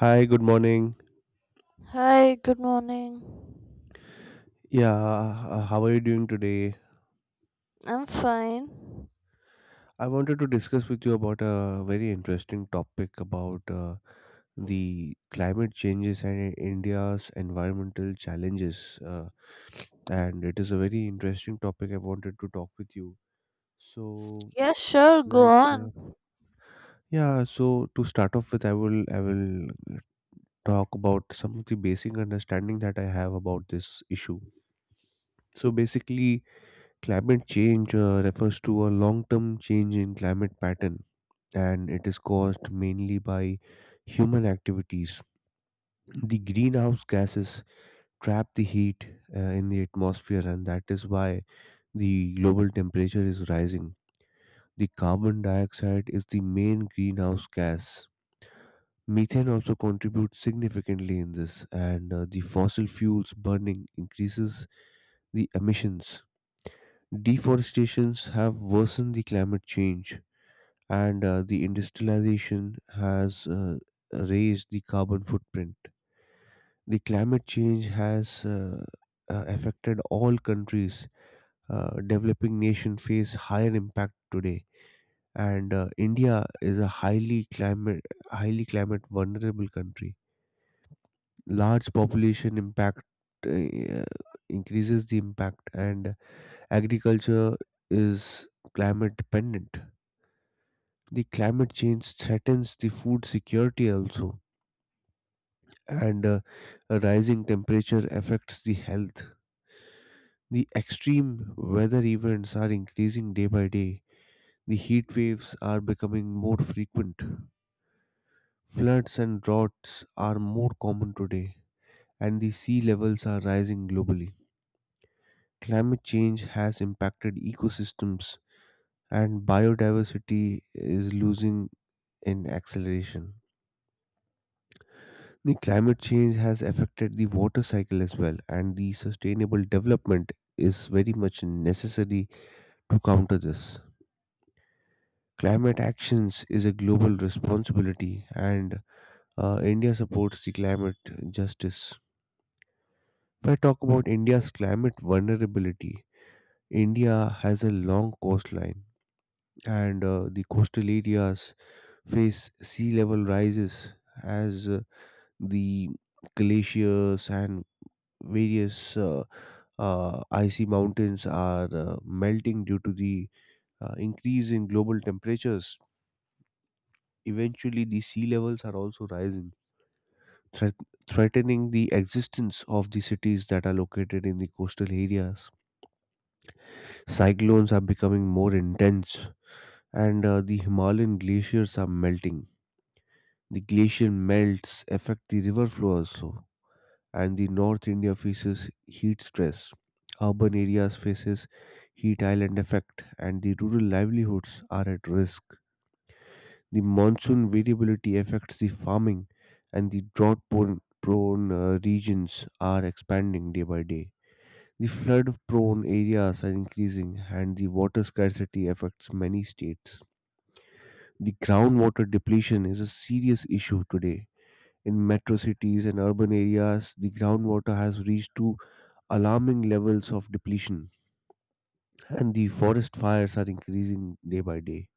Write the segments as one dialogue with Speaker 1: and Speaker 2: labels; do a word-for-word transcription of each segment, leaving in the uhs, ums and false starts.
Speaker 1: Hi, good morning.
Speaker 2: Hi, good morning.
Speaker 1: Yeah, uh, how are you doing today?
Speaker 2: I'm fine.
Speaker 1: I wanted to discuss with you about a very interesting topic about uh, the climate changes and India's environmental challenges. Uh, and it is a very interesting topic I wanted to talk with you. So,
Speaker 2: Yeah, sure, go
Speaker 1: like, uh,
Speaker 2: on.
Speaker 1: yeah, so to start off with, I will, I will talk about some of the basic understanding that I have about this issue. So basically, climate change uh, refers to a long term change in climate pattern, and it is caused mainly by human activities. The greenhouse gases trap the heat uh, in the atmosphere, and that is why the global temperature is rising. The carbon dioxide is the main greenhouse gas. Methane also contributes significantly in this, and uh, the fossil fuels burning increases the emissions. Deforestations have worsened the climate change, and uh, the industrialization has uh, raised the carbon footprint. The climate change has uh, uh, affected all countries. Uh, developing nations face higher impact today, and uh, India is a highly climate highly climate vulnerable country. Large population impact uh, increases the impact, and agriculture is climate dependent. The climate change threatens the food security also, and uh, a rising temperature affects the health. The extreme weather events are increasing day by day. The heat waves are becoming more frequent. Floods and droughts are more common today, and the sea levels are rising globally. Climate change has impacted ecosystems, and biodiversity is losing in acceleration. The climate change has affected the water cycle as well, and the sustainable development is very much necessary to counter this. Climate actions is a global responsibility, and uh, India supports the climate justice. If I talk about India's climate vulnerability, India has a long coastline, and uh, the coastal areas face sea level rises as uh, the glaciers and various. Uh, uh, icy mountains are uh, melting due to the uh, increase in global temperatures. Eventually, the sea levels are also rising, threat- threatening the existence of the cities that are located in the coastal areas. Cyclones are becoming more intense, and uh, the Himalayan glaciers are melting. The glacial melts affect the river flow also, and the North India faces heat stress. Urban areas faces heat island effect, and the rural livelihoods are at risk. The monsoon variability affects the farming, and the drought prone prone, uh, regions are expanding day by day. The flood prone areas are increasing, and the water scarcity affects many states. The groundwater depletion is a serious issue today. In metro cities and urban areas, the groundwater has reached to. alarming levels of depletion, and the forest fires are increasing day by day.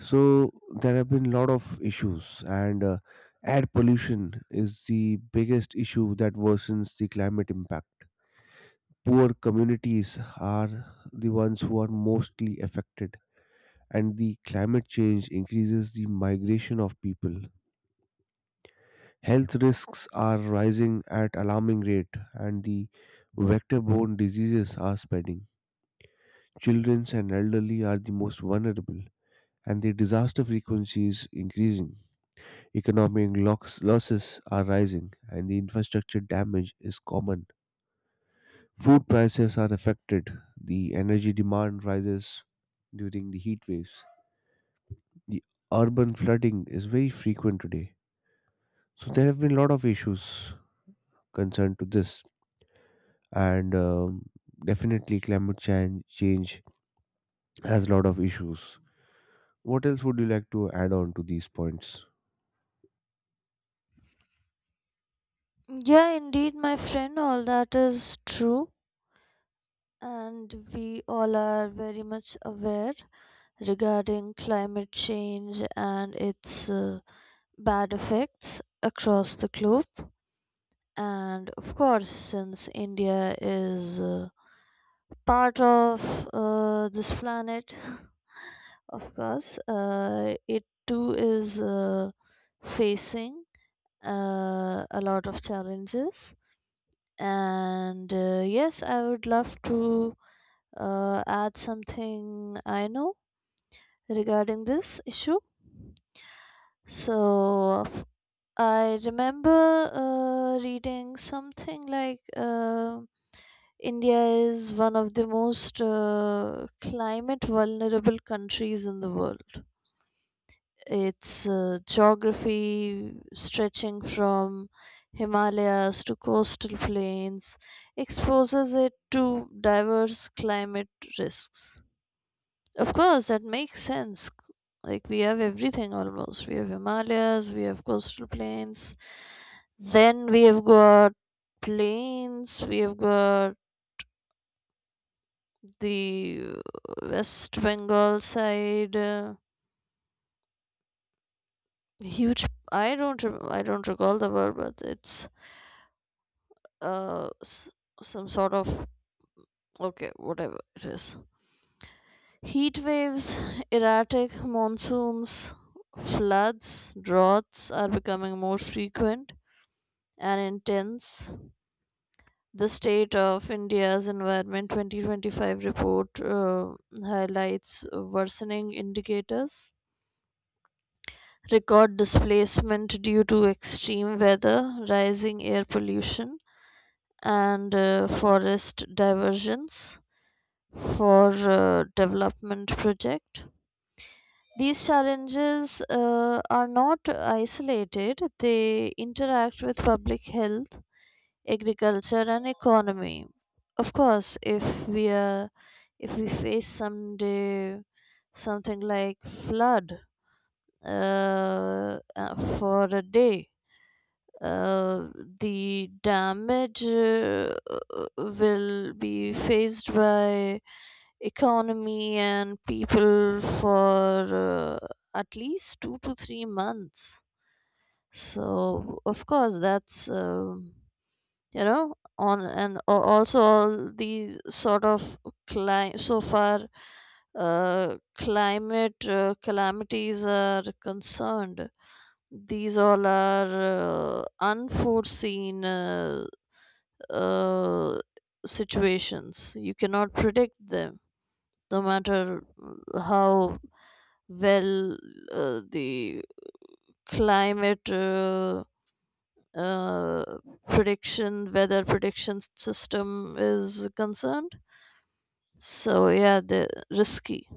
Speaker 1: So there have been a lot of issues, and uh, air pollution is the biggest issue that worsens the climate impact. Poor communities are the ones who are mostly affected, and the climate change increases the migration of people. Health risks are rising at alarming rate, and the vector borne diseases are spreading. Children and elderly are the most vulnerable, and the disaster frequency is increasing. Economic locks, losses are rising, and the infrastructure damage is common. Food prices are affected. The energy demand rises during the heat waves. The urban flooding is very frequent today. So there have been a lot of issues concerned to this, and um, definitely climate change change has a lot of issues. What else would you like to add on to these points?
Speaker 2: Yeah, indeed, my friend, all that is true, and we all are very much aware regarding climate change and its uh, bad effects across the globe. And of course, since India is uh, part of uh, this planet, Of course, uh, it too is uh, facing uh, a lot of challenges. And uh, yes, I would love to uh, add something I know regarding this issue. So f- I remember uh, reading something like uh, India is one of the most uh, climate vulnerable countries in the world. Its uh, geography stretching from Himalayas to coastal plains exposes it to diverse climate risks. Of course, that makes sense. Like, we have everything almost. We have Himalayas, we have coastal plains, then we have got plains, we have got the uh, West Bengal side. Uh, huge, i don't rem- i don't recall the word, but it's uh s- some sort of, okay, whatever it is. Heat waves, erratic monsoons, floods, droughts are becoming more frequent and intense. The state of India's environment twenty twenty-five report uh, highlights worsening indicators, record displacement due to extreme weather, rising air pollution, and uh, forest diversions for uh, development project. These challenges uh, are not isolated. They interact with public health, agriculture, and economy. Of course, if we are if we face someday something like flood uh, uh, for a day, uh, the damage uh, will be faced by economy and people for uh, at least two to three months. So of course, that's, um, you know, on, and al- also, all these sort of, cli- so far uh, climate uh, calamities are concerned. These all are uh, unforeseen uh, uh, situations. You cannot predict them, no matter how well uh, the climate uh, uh, prediction, weather prediction system is concerned. So yeah, they're risky.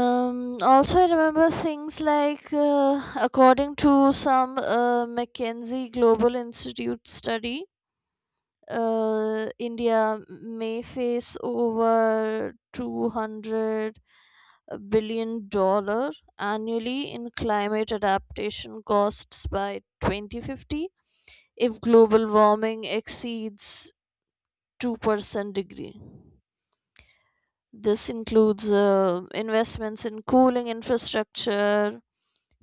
Speaker 2: Um, also, I remember things like uh, according to some uh, McKinsey Global Institute study, uh, India may face over two hundred billion dollar annually in climate adaptation costs by twenty fifty if global warming exceeds two percent degree. This includes uh, investments in cooling infrastructure,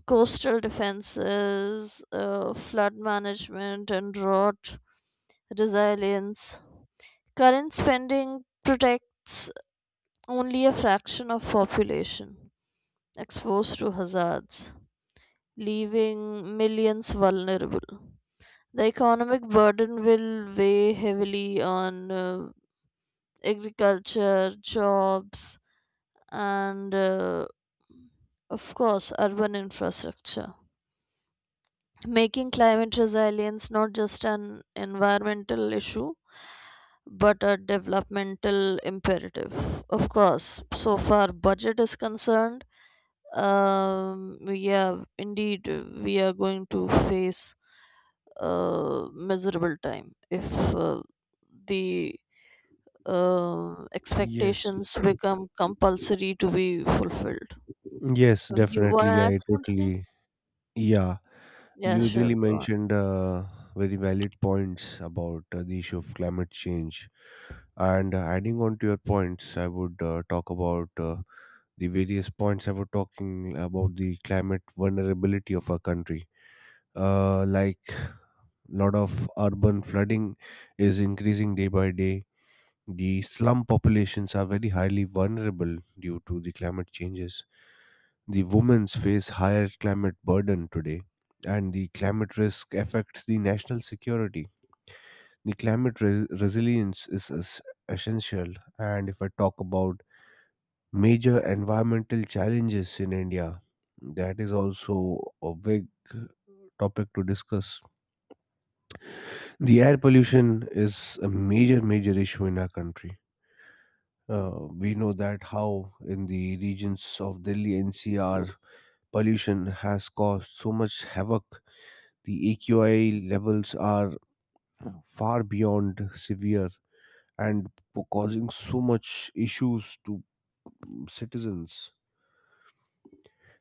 Speaker 2: coastal defenses, uh, flood management, and drought resilience. Current spending protects only a fraction of population exposed to hazards, leaving millions vulnerable. The economic burden will weigh heavily on uh, agriculture, jobs, and uh, of course, urban infrastructure, making climate resilience not just an environmental issue but a developmental imperative. Of course, so far budget is concerned, um, yeah, indeed, we are going to face uh, miserable time if uh, the uh,
Speaker 1: Yes,
Speaker 2: expectations become compulsory to be fulfilled.
Speaker 1: yes,
Speaker 2: So you want
Speaker 1: definitely.
Speaker 2: to add
Speaker 1: I
Speaker 2: something?
Speaker 1: totally, yeah.
Speaker 2: Yeah,
Speaker 1: You
Speaker 2: sure.
Speaker 1: really
Speaker 2: Go on.
Speaker 1: mentioned uh, very valid points about uh, the issue of climate change. And uh, adding on to your points, I would uh, talk about uh, the various points I was talking about the climate vulnerability of our country. Uh, like, lot of urban flooding is increasing day by day. The slum populations are very highly vulnerable due to the climate changes. The women's face higher climate burden today, and the climate risk affects the national security. The climate re- resilience is es- essential, and if I talk about major environmental challenges in India, that is also a big topic to discuss. The air pollution is a major, major issue in our country. Uh, we know that how in the regions of Delhi N C R pollution has caused so much havoc. The A Q I levels are far beyond severe, and po- causing so much issues to mm, citizens.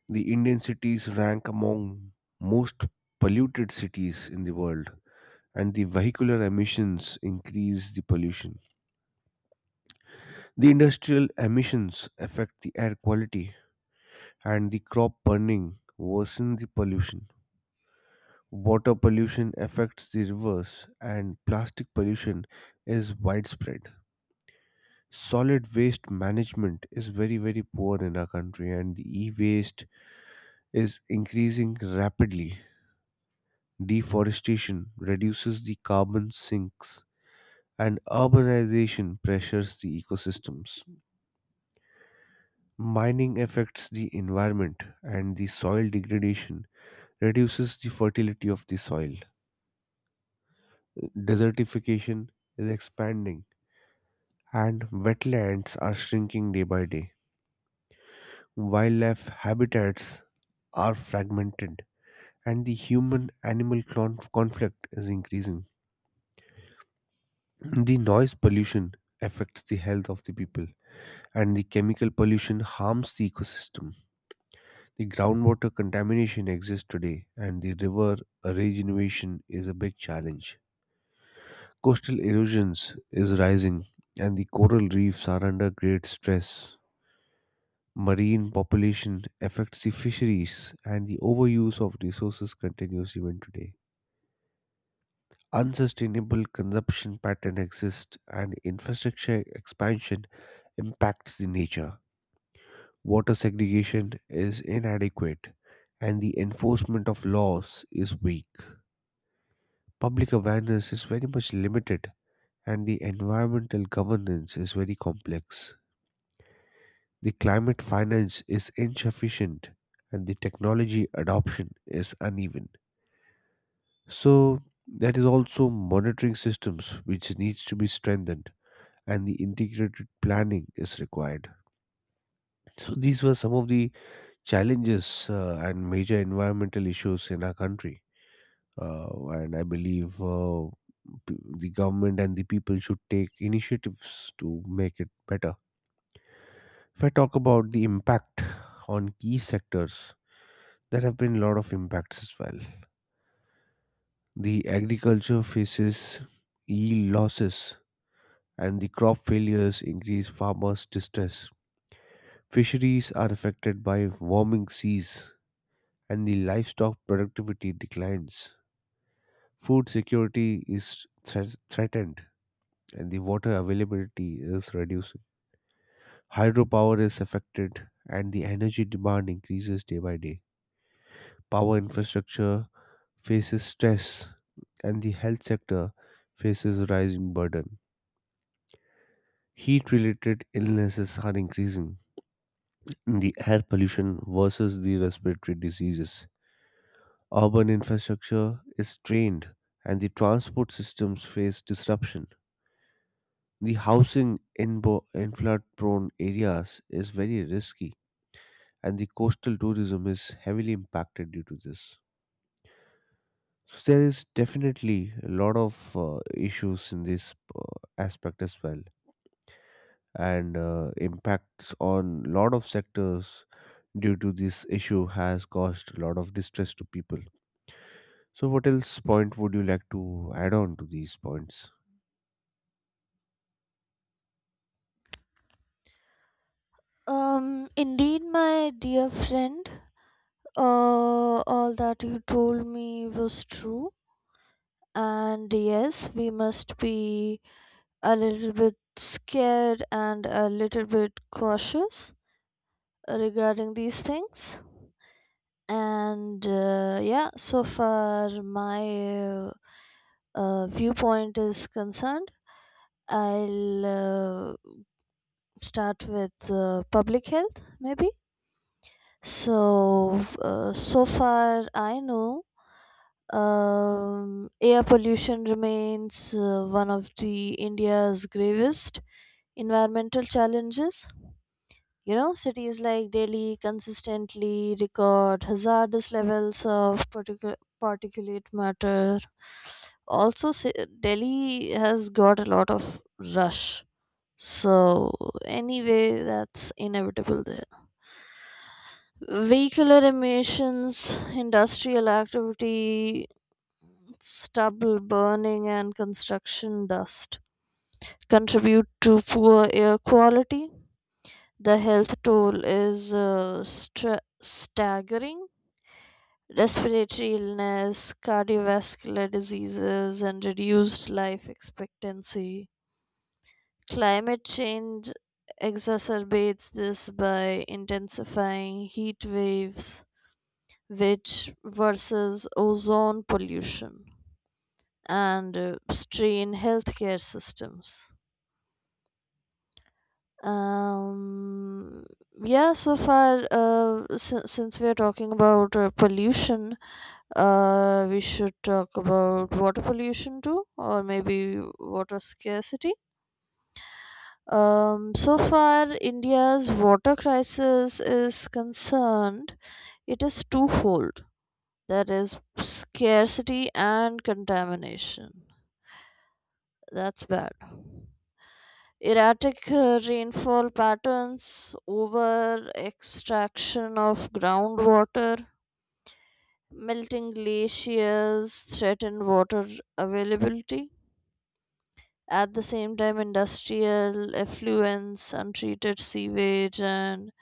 Speaker 1: The Indian cities rank among most polluted cities in the world, and the vehicular emissions increase the pollution. The industrial emissions affect the air quality, and the crop burning worsens the pollution. Water pollution affects the rivers, and plastic pollution is widespread. Solid waste management is very very poor in our country, and the e-waste is increasing rapidly. Deforestation reduces the carbon sinks, and urbanization pressures the ecosystems. Mining affects the environment, and the soil degradation reduces the fertility of the soil. Desertification is expanding, and wetlands are shrinking day by day. Wildlife habitats are fragmented, and the human animal conflict is increasing. The noise pollution affects the health of the people, and the chemical pollution harms the ecosystem. The groundwater contamination exists today, and the river regeneration is a big challenge. Coastal erosions is rising, and the coral reefs are under great stress. Marine population affects the fisheries, and the overuse of resources continues even today. Unsustainable consumption pattern exist, and infrastructure expansion impacts the nature. Water segregation is inadequate, and the enforcement of laws is weak. Public awareness is very much limited, and the environmental governance is very complex. The climate finance is insufficient, and the technology adoption is uneven. So there is also monitoring systems which needs to be strengthened, and the integrated planning is required. So these were some of the challenges uh, and major environmental issues in our country. Uh, and I believe uh, p- the government and the people should take initiatives to make it better. If I talk about the impact on key sectors, there have been a lot of impacts as well. The agriculture faces yield losses, and the crop failures increase farmers' distress. Fisheries are affected by warming seas, and the livestock productivity declines. Food security is thre- threatened, and the water availability is reducing. Hydropower is affected, and the energy demand increases day by day. Power infrastructure faces stress, and the health sector faces rising burden. Heat related illnesses are increasing. The air pollution versus the respiratory diseases. Urban infrastructure is strained, and the transport systems face disruption. The housing in, bo- in flood prone areas is very risky, and the coastal tourism is heavily impacted due to this. So, there is definitely a lot of uh, issues in this uh, aspect as well, and uh, impacts on lot of sectors due to this issue has caused a lot of distress to people. So, what else point would you like to add on to these points?
Speaker 2: Um, indeed, my dear friend, uh, all that you told me was true. And yes, we must be a little bit scared and a little bit cautious regarding these things. And uh, yeah, so far my uh, viewpoint is concerned, I'll uh, start with uh, public health maybe. So uh, so far I know, um, air pollution remains uh, one of the India's gravest environmental challenges. You know, cities like Delhi consistently record hazardous levels of particu- particulate matter. Also, ci- Delhi has got a lot of rush. So, anyway, that's inevitable there. Vehicular emissions, industrial activity, stubble burning, and construction dust contribute to poor air quality. The health toll is uh, stra- staggering. Respiratory illness, cardiovascular diseases, and reduced life expectancy. Climate change exacerbates this by intensifying heat waves, which versus ozone pollution and uh, strain healthcare systems. Um, yeah, so far, uh, si- since we are talking about uh, pollution, uh, we should talk about water pollution too, or maybe water scarcity. Um, so far, India's water crisis is concerned, it is twofold. That is scarcity and contamination. That's bad. Erratic uh, rainfall patterns, over extraction of groundwater, melting glaciers threaten water availability. At the same time, industrial effluents, untreated sewage, and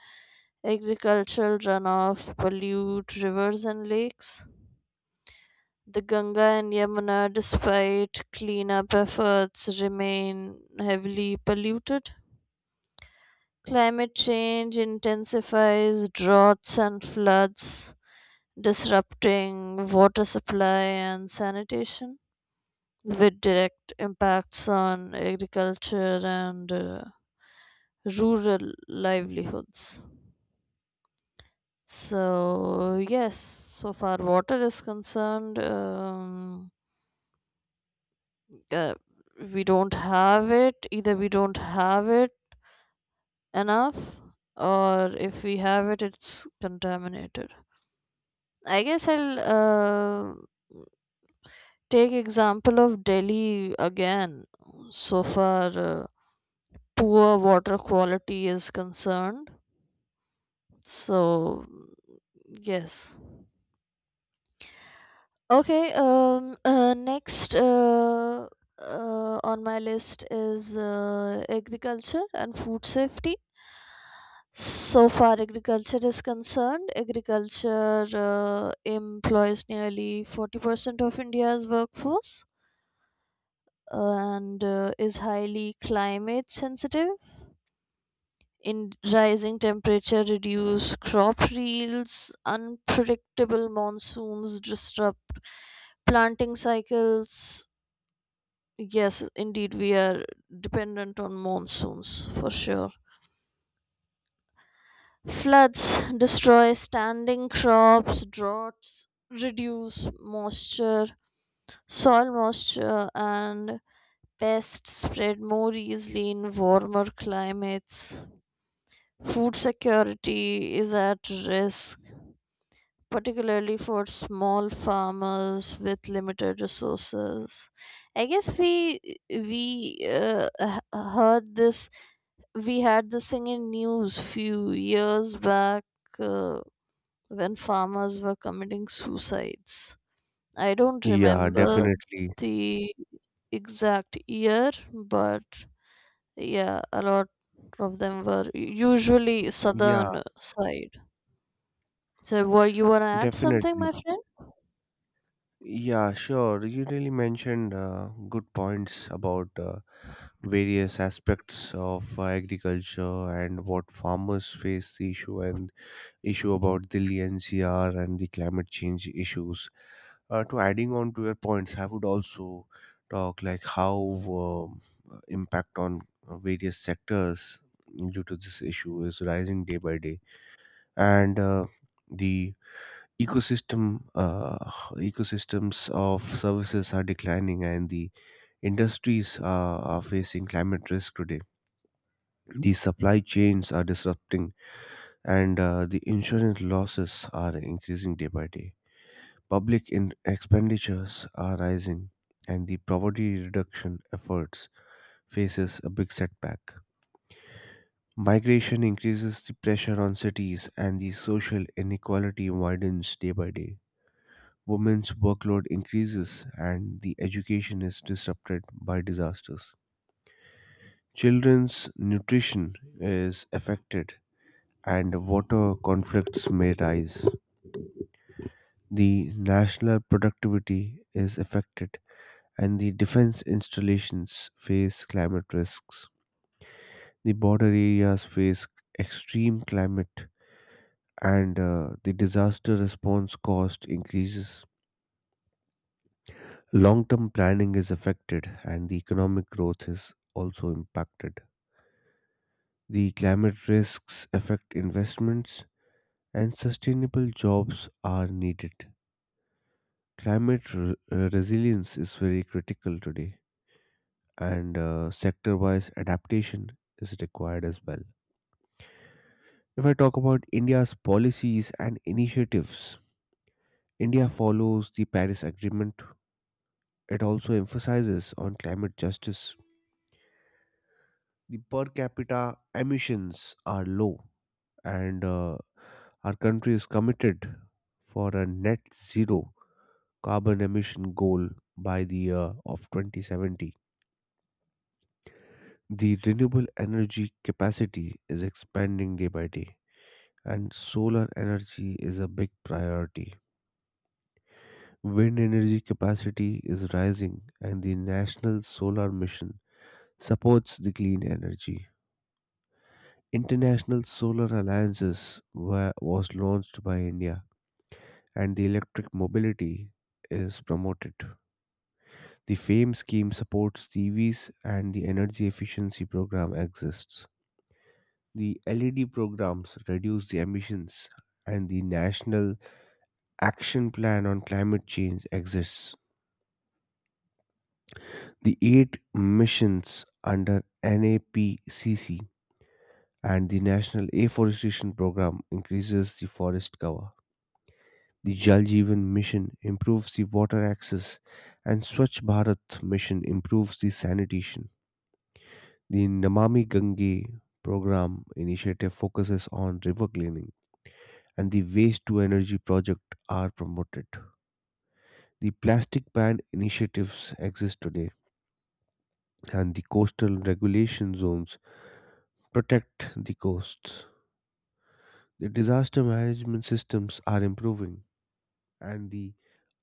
Speaker 2: agricultural runoff pollute rivers and lakes. The Ganga and Yamuna, despite cleanup efforts, remain heavily polluted. Climate change intensifies droughts and floods, disrupting water supply and sanitation, with direct impacts on agriculture and uh, rural livelihoods. So, yes, so far water is concerned, um, uh, we don't have it. Either we don't have it enough, or if we have it, it's contaminated. I guess I'll uh, take example of Delhi again. So far, uh, poor water quality is concerned. So yes. Okay. Um. Uh, next. Uh, uh, on my list is uh, agriculture and food safety. So far, agriculture is concerned. Agriculture uh, employs nearly forty percent of India's workforce, and uh, is highly climate sensitive. In rising temperature, reduce crop yields, unpredictable monsoons disrupt planting cycles. Yes, indeed, we are dependent on monsoons for sure. Floods destroy standing crops, droughts reduce moisture, soil moisture, and pests spread more easily in warmer climates. Food security is at risk, particularly for small farmers with limited resources. I guess we we uh, h- heard this. We had this thing in news few years back uh, when farmers were committing suicides. I don't
Speaker 1: Yeah,
Speaker 2: remember
Speaker 1: definitely.
Speaker 2: the exact year, but yeah, a lot of them were usually
Speaker 1: Yeah,
Speaker 2: southern side. So, were you want to add something,
Speaker 1: definitely.
Speaker 2: my friend?
Speaker 1: Yeah, sure. You really mentioned uh, good points about uh, various aspects of uh, agriculture and what farmers face the issue and issue about Delhi N C R and the climate change issues. Uh, to adding on to your points, I would also talk like how um, impact on uh, various sectors due to this issue is rising day by day, and uh, the ecosystem uh, ecosystems of services are declining, and the industries are, are facing climate risk today. The supply chains are disrupting, and uh, the insurance losses are increasing day by day. Public in- expenditures are rising, and the poverty reduction efforts faces a big setback. Migration increases the pressure on cities, and the social inequality widens day by day. Women's workload increases, and the education is disrupted by disasters. Children's nutrition is affected, and water conflicts may rise. The national productivity is affected, and the defense installations face climate risks. The border areas face extreme climate, and uh, the disaster response cost increases. Long term planning is affected, and the economic growth is also impacted. The climate risks affect investments, and sustainable jobs are needed. Climate re- uh, resilience is very critical today, and uh, sector wise adaptation is required as well. If I talk about India's policies and initiatives, India follows the Paris Agreement. It also emphasizes on climate justice. The per capita emissions are low, and uh, our country is committed for a net zero carbon emission goal by the year of twenty seventy. The renewable energy capacity is expanding day by day, and solar energy is a big priority. Wind energy capacity is rising, and the National Solar Mission supports the clean energy. International Solar Alliances wa- was launched by India, and the electric mobility is promoted. The FAME scheme supports T Vs, and the energy efficiency program exists. The L E D programs reduce the emissions, and the National Action Plan on Climate Change exists. The eight missions under N A P C C, and the National Afforestation Program increases the forest cover. The Jal Jeevan Mission improves the water access, and Swachh Bharat Mission improves the sanitation. The Namami Gange program initiative focuses on river cleaning, and the waste to energy project are promoted. The plastic ban initiatives exist today, and the coastal regulation zones protect the coasts. The disaster management systems are improving, and the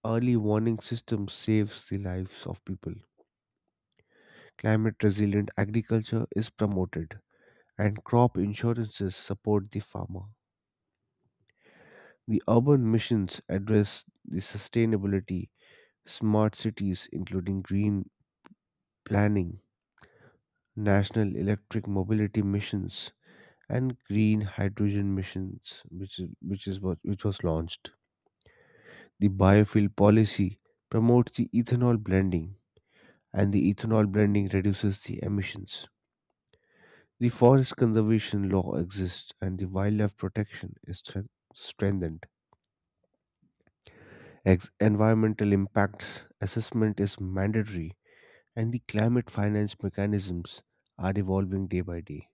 Speaker 1: early warning system saves the lives of people. Climate resilient agriculture is promoted, and crop insurances support the farmer. The urban missions address the sustainability, smart cities including green planning, national electric mobility missions, and green hydrogen missions, which is, which is what which was launched. The biofuel policy promotes the ethanol blending, and the ethanol blending reduces the emissions. The forest conservation law exists, and the wildlife protection is strength- strengthened. Ex- environmental impacts assessment is mandatory, and the climate finance mechanisms are evolving day by day.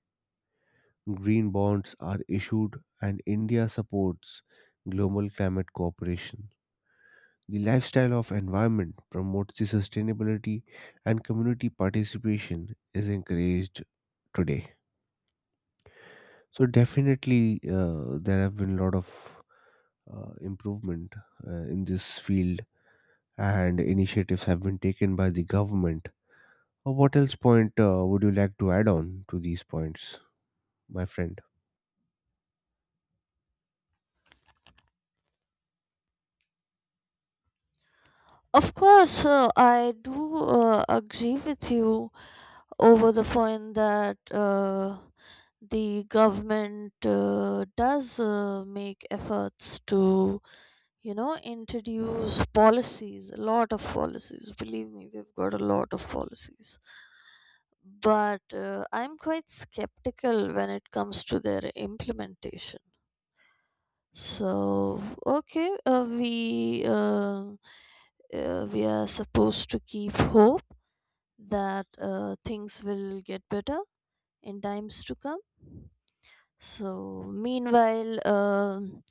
Speaker 1: Green bonds are issued, and India supports global climate cooperation. The lifestyle of environment promotes the sustainability, and community participation is encouraged today. So definitely, uh, there have been a lot of uh, improvement uh, in this field, and initiatives have been taken by the government. Uh, What else point uh, would you like to add on to these points, my friend?
Speaker 2: Of course, uh, I do uh, agree with you over the point that uh, the government uh, does uh, make efforts to, you know, introduce policies, a lot of policies. Believe me, we've got a lot of policies. But uh, I'm quite skeptical when it comes to their implementation. So okay, uh, we uh, uh, we are supposed to keep hope that uh, things will get better in times to come. So meanwhile, um,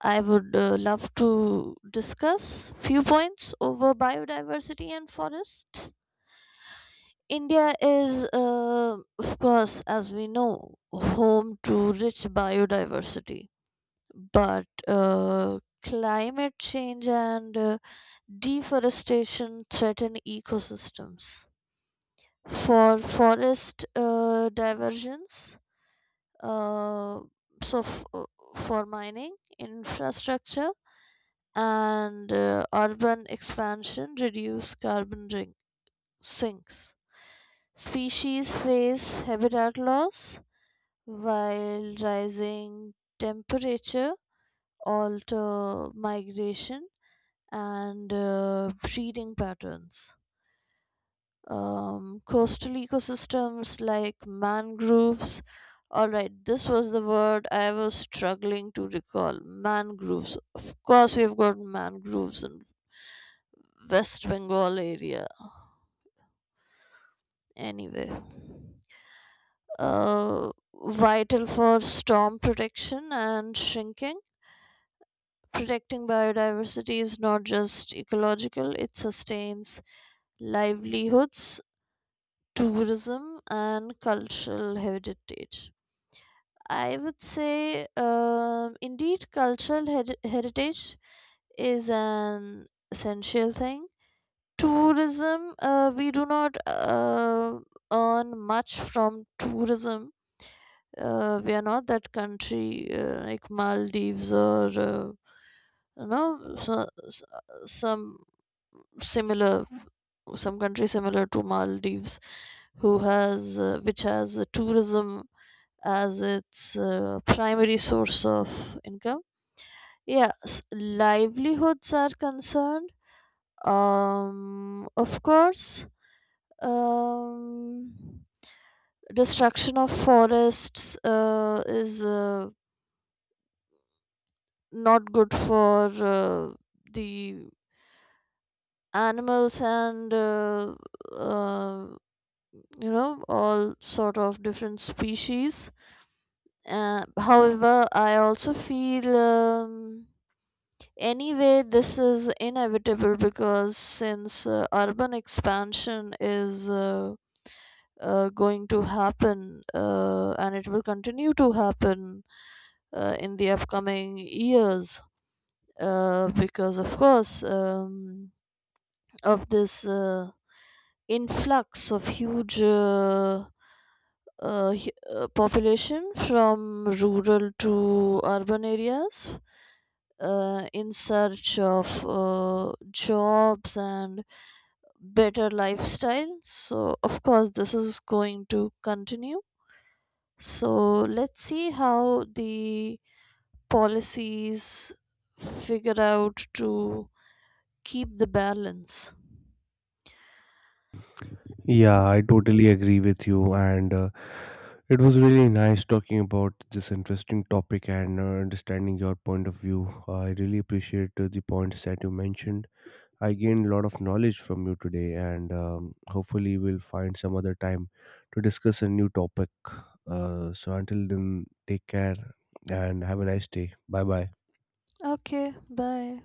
Speaker 2: I would uh, love to discuss few points over biodiversity and forests. India is, uh, of course, as we know, home to rich biodiversity, but uh, climate change and uh, deforestation threaten ecosystems. For forest uh, diversions, uh, so f- uh, for mining, infrastructure, and uh, urban expansion reduce carbon ring- sinks. Species face habitat loss while rising temperature alter migration and uh, breeding patterns. Um, coastal ecosystems like mangroves. All right, this was the word I was struggling to recall. Mangroves. Of course, we've got mangroves in West Bengal area. Anyway, uh, vital for storm protection and shrinking. Protecting biodiversity is not just ecological; it sustains livelihoods, tourism, and cultural heritage. I would say, um, indeed, cultural heri- heritage is an essential thing. Tourism, uh, we do not uh, earn much from tourism. Uh, we are not that country uh, like Maldives or uh, you know, so, so, some similar, some country similar to Maldives who has uh, which has uh, tourism as its uh, primary source of income. Yes, livelihoods are concerned. Um, of course, um, destruction of forests uh, is uh, not good for uh, the animals and uh, uh, you know, all sort of different species. Uh, however, I also feel, um, anyway, this is inevitable because since uh, urban expansion is uh, uh, going to happen uh, and it will continue to happen uh, in the upcoming years, uh, because of course, um, of this uh, influx of huge uh, uh, hu- uh, population from rural to urban areas uh, in search of uh, jobs and better lifestyle. So, of course, this is going to continue. So, let's see how the policies figure out to keep the balance.
Speaker 1: Yeah, I totally agree with you. And uh, it was really nice talking about this interesting topic and uh, understanding your point of view. I really appreciate uh, the points that you mentioned. I gained a lot of knowledge from you today, and um, hopefully, we'll find some other time to discuss a new topic. Uh, so, until then, take care and have a nice day. Bye bye.
Speaker 2: Okay, bye.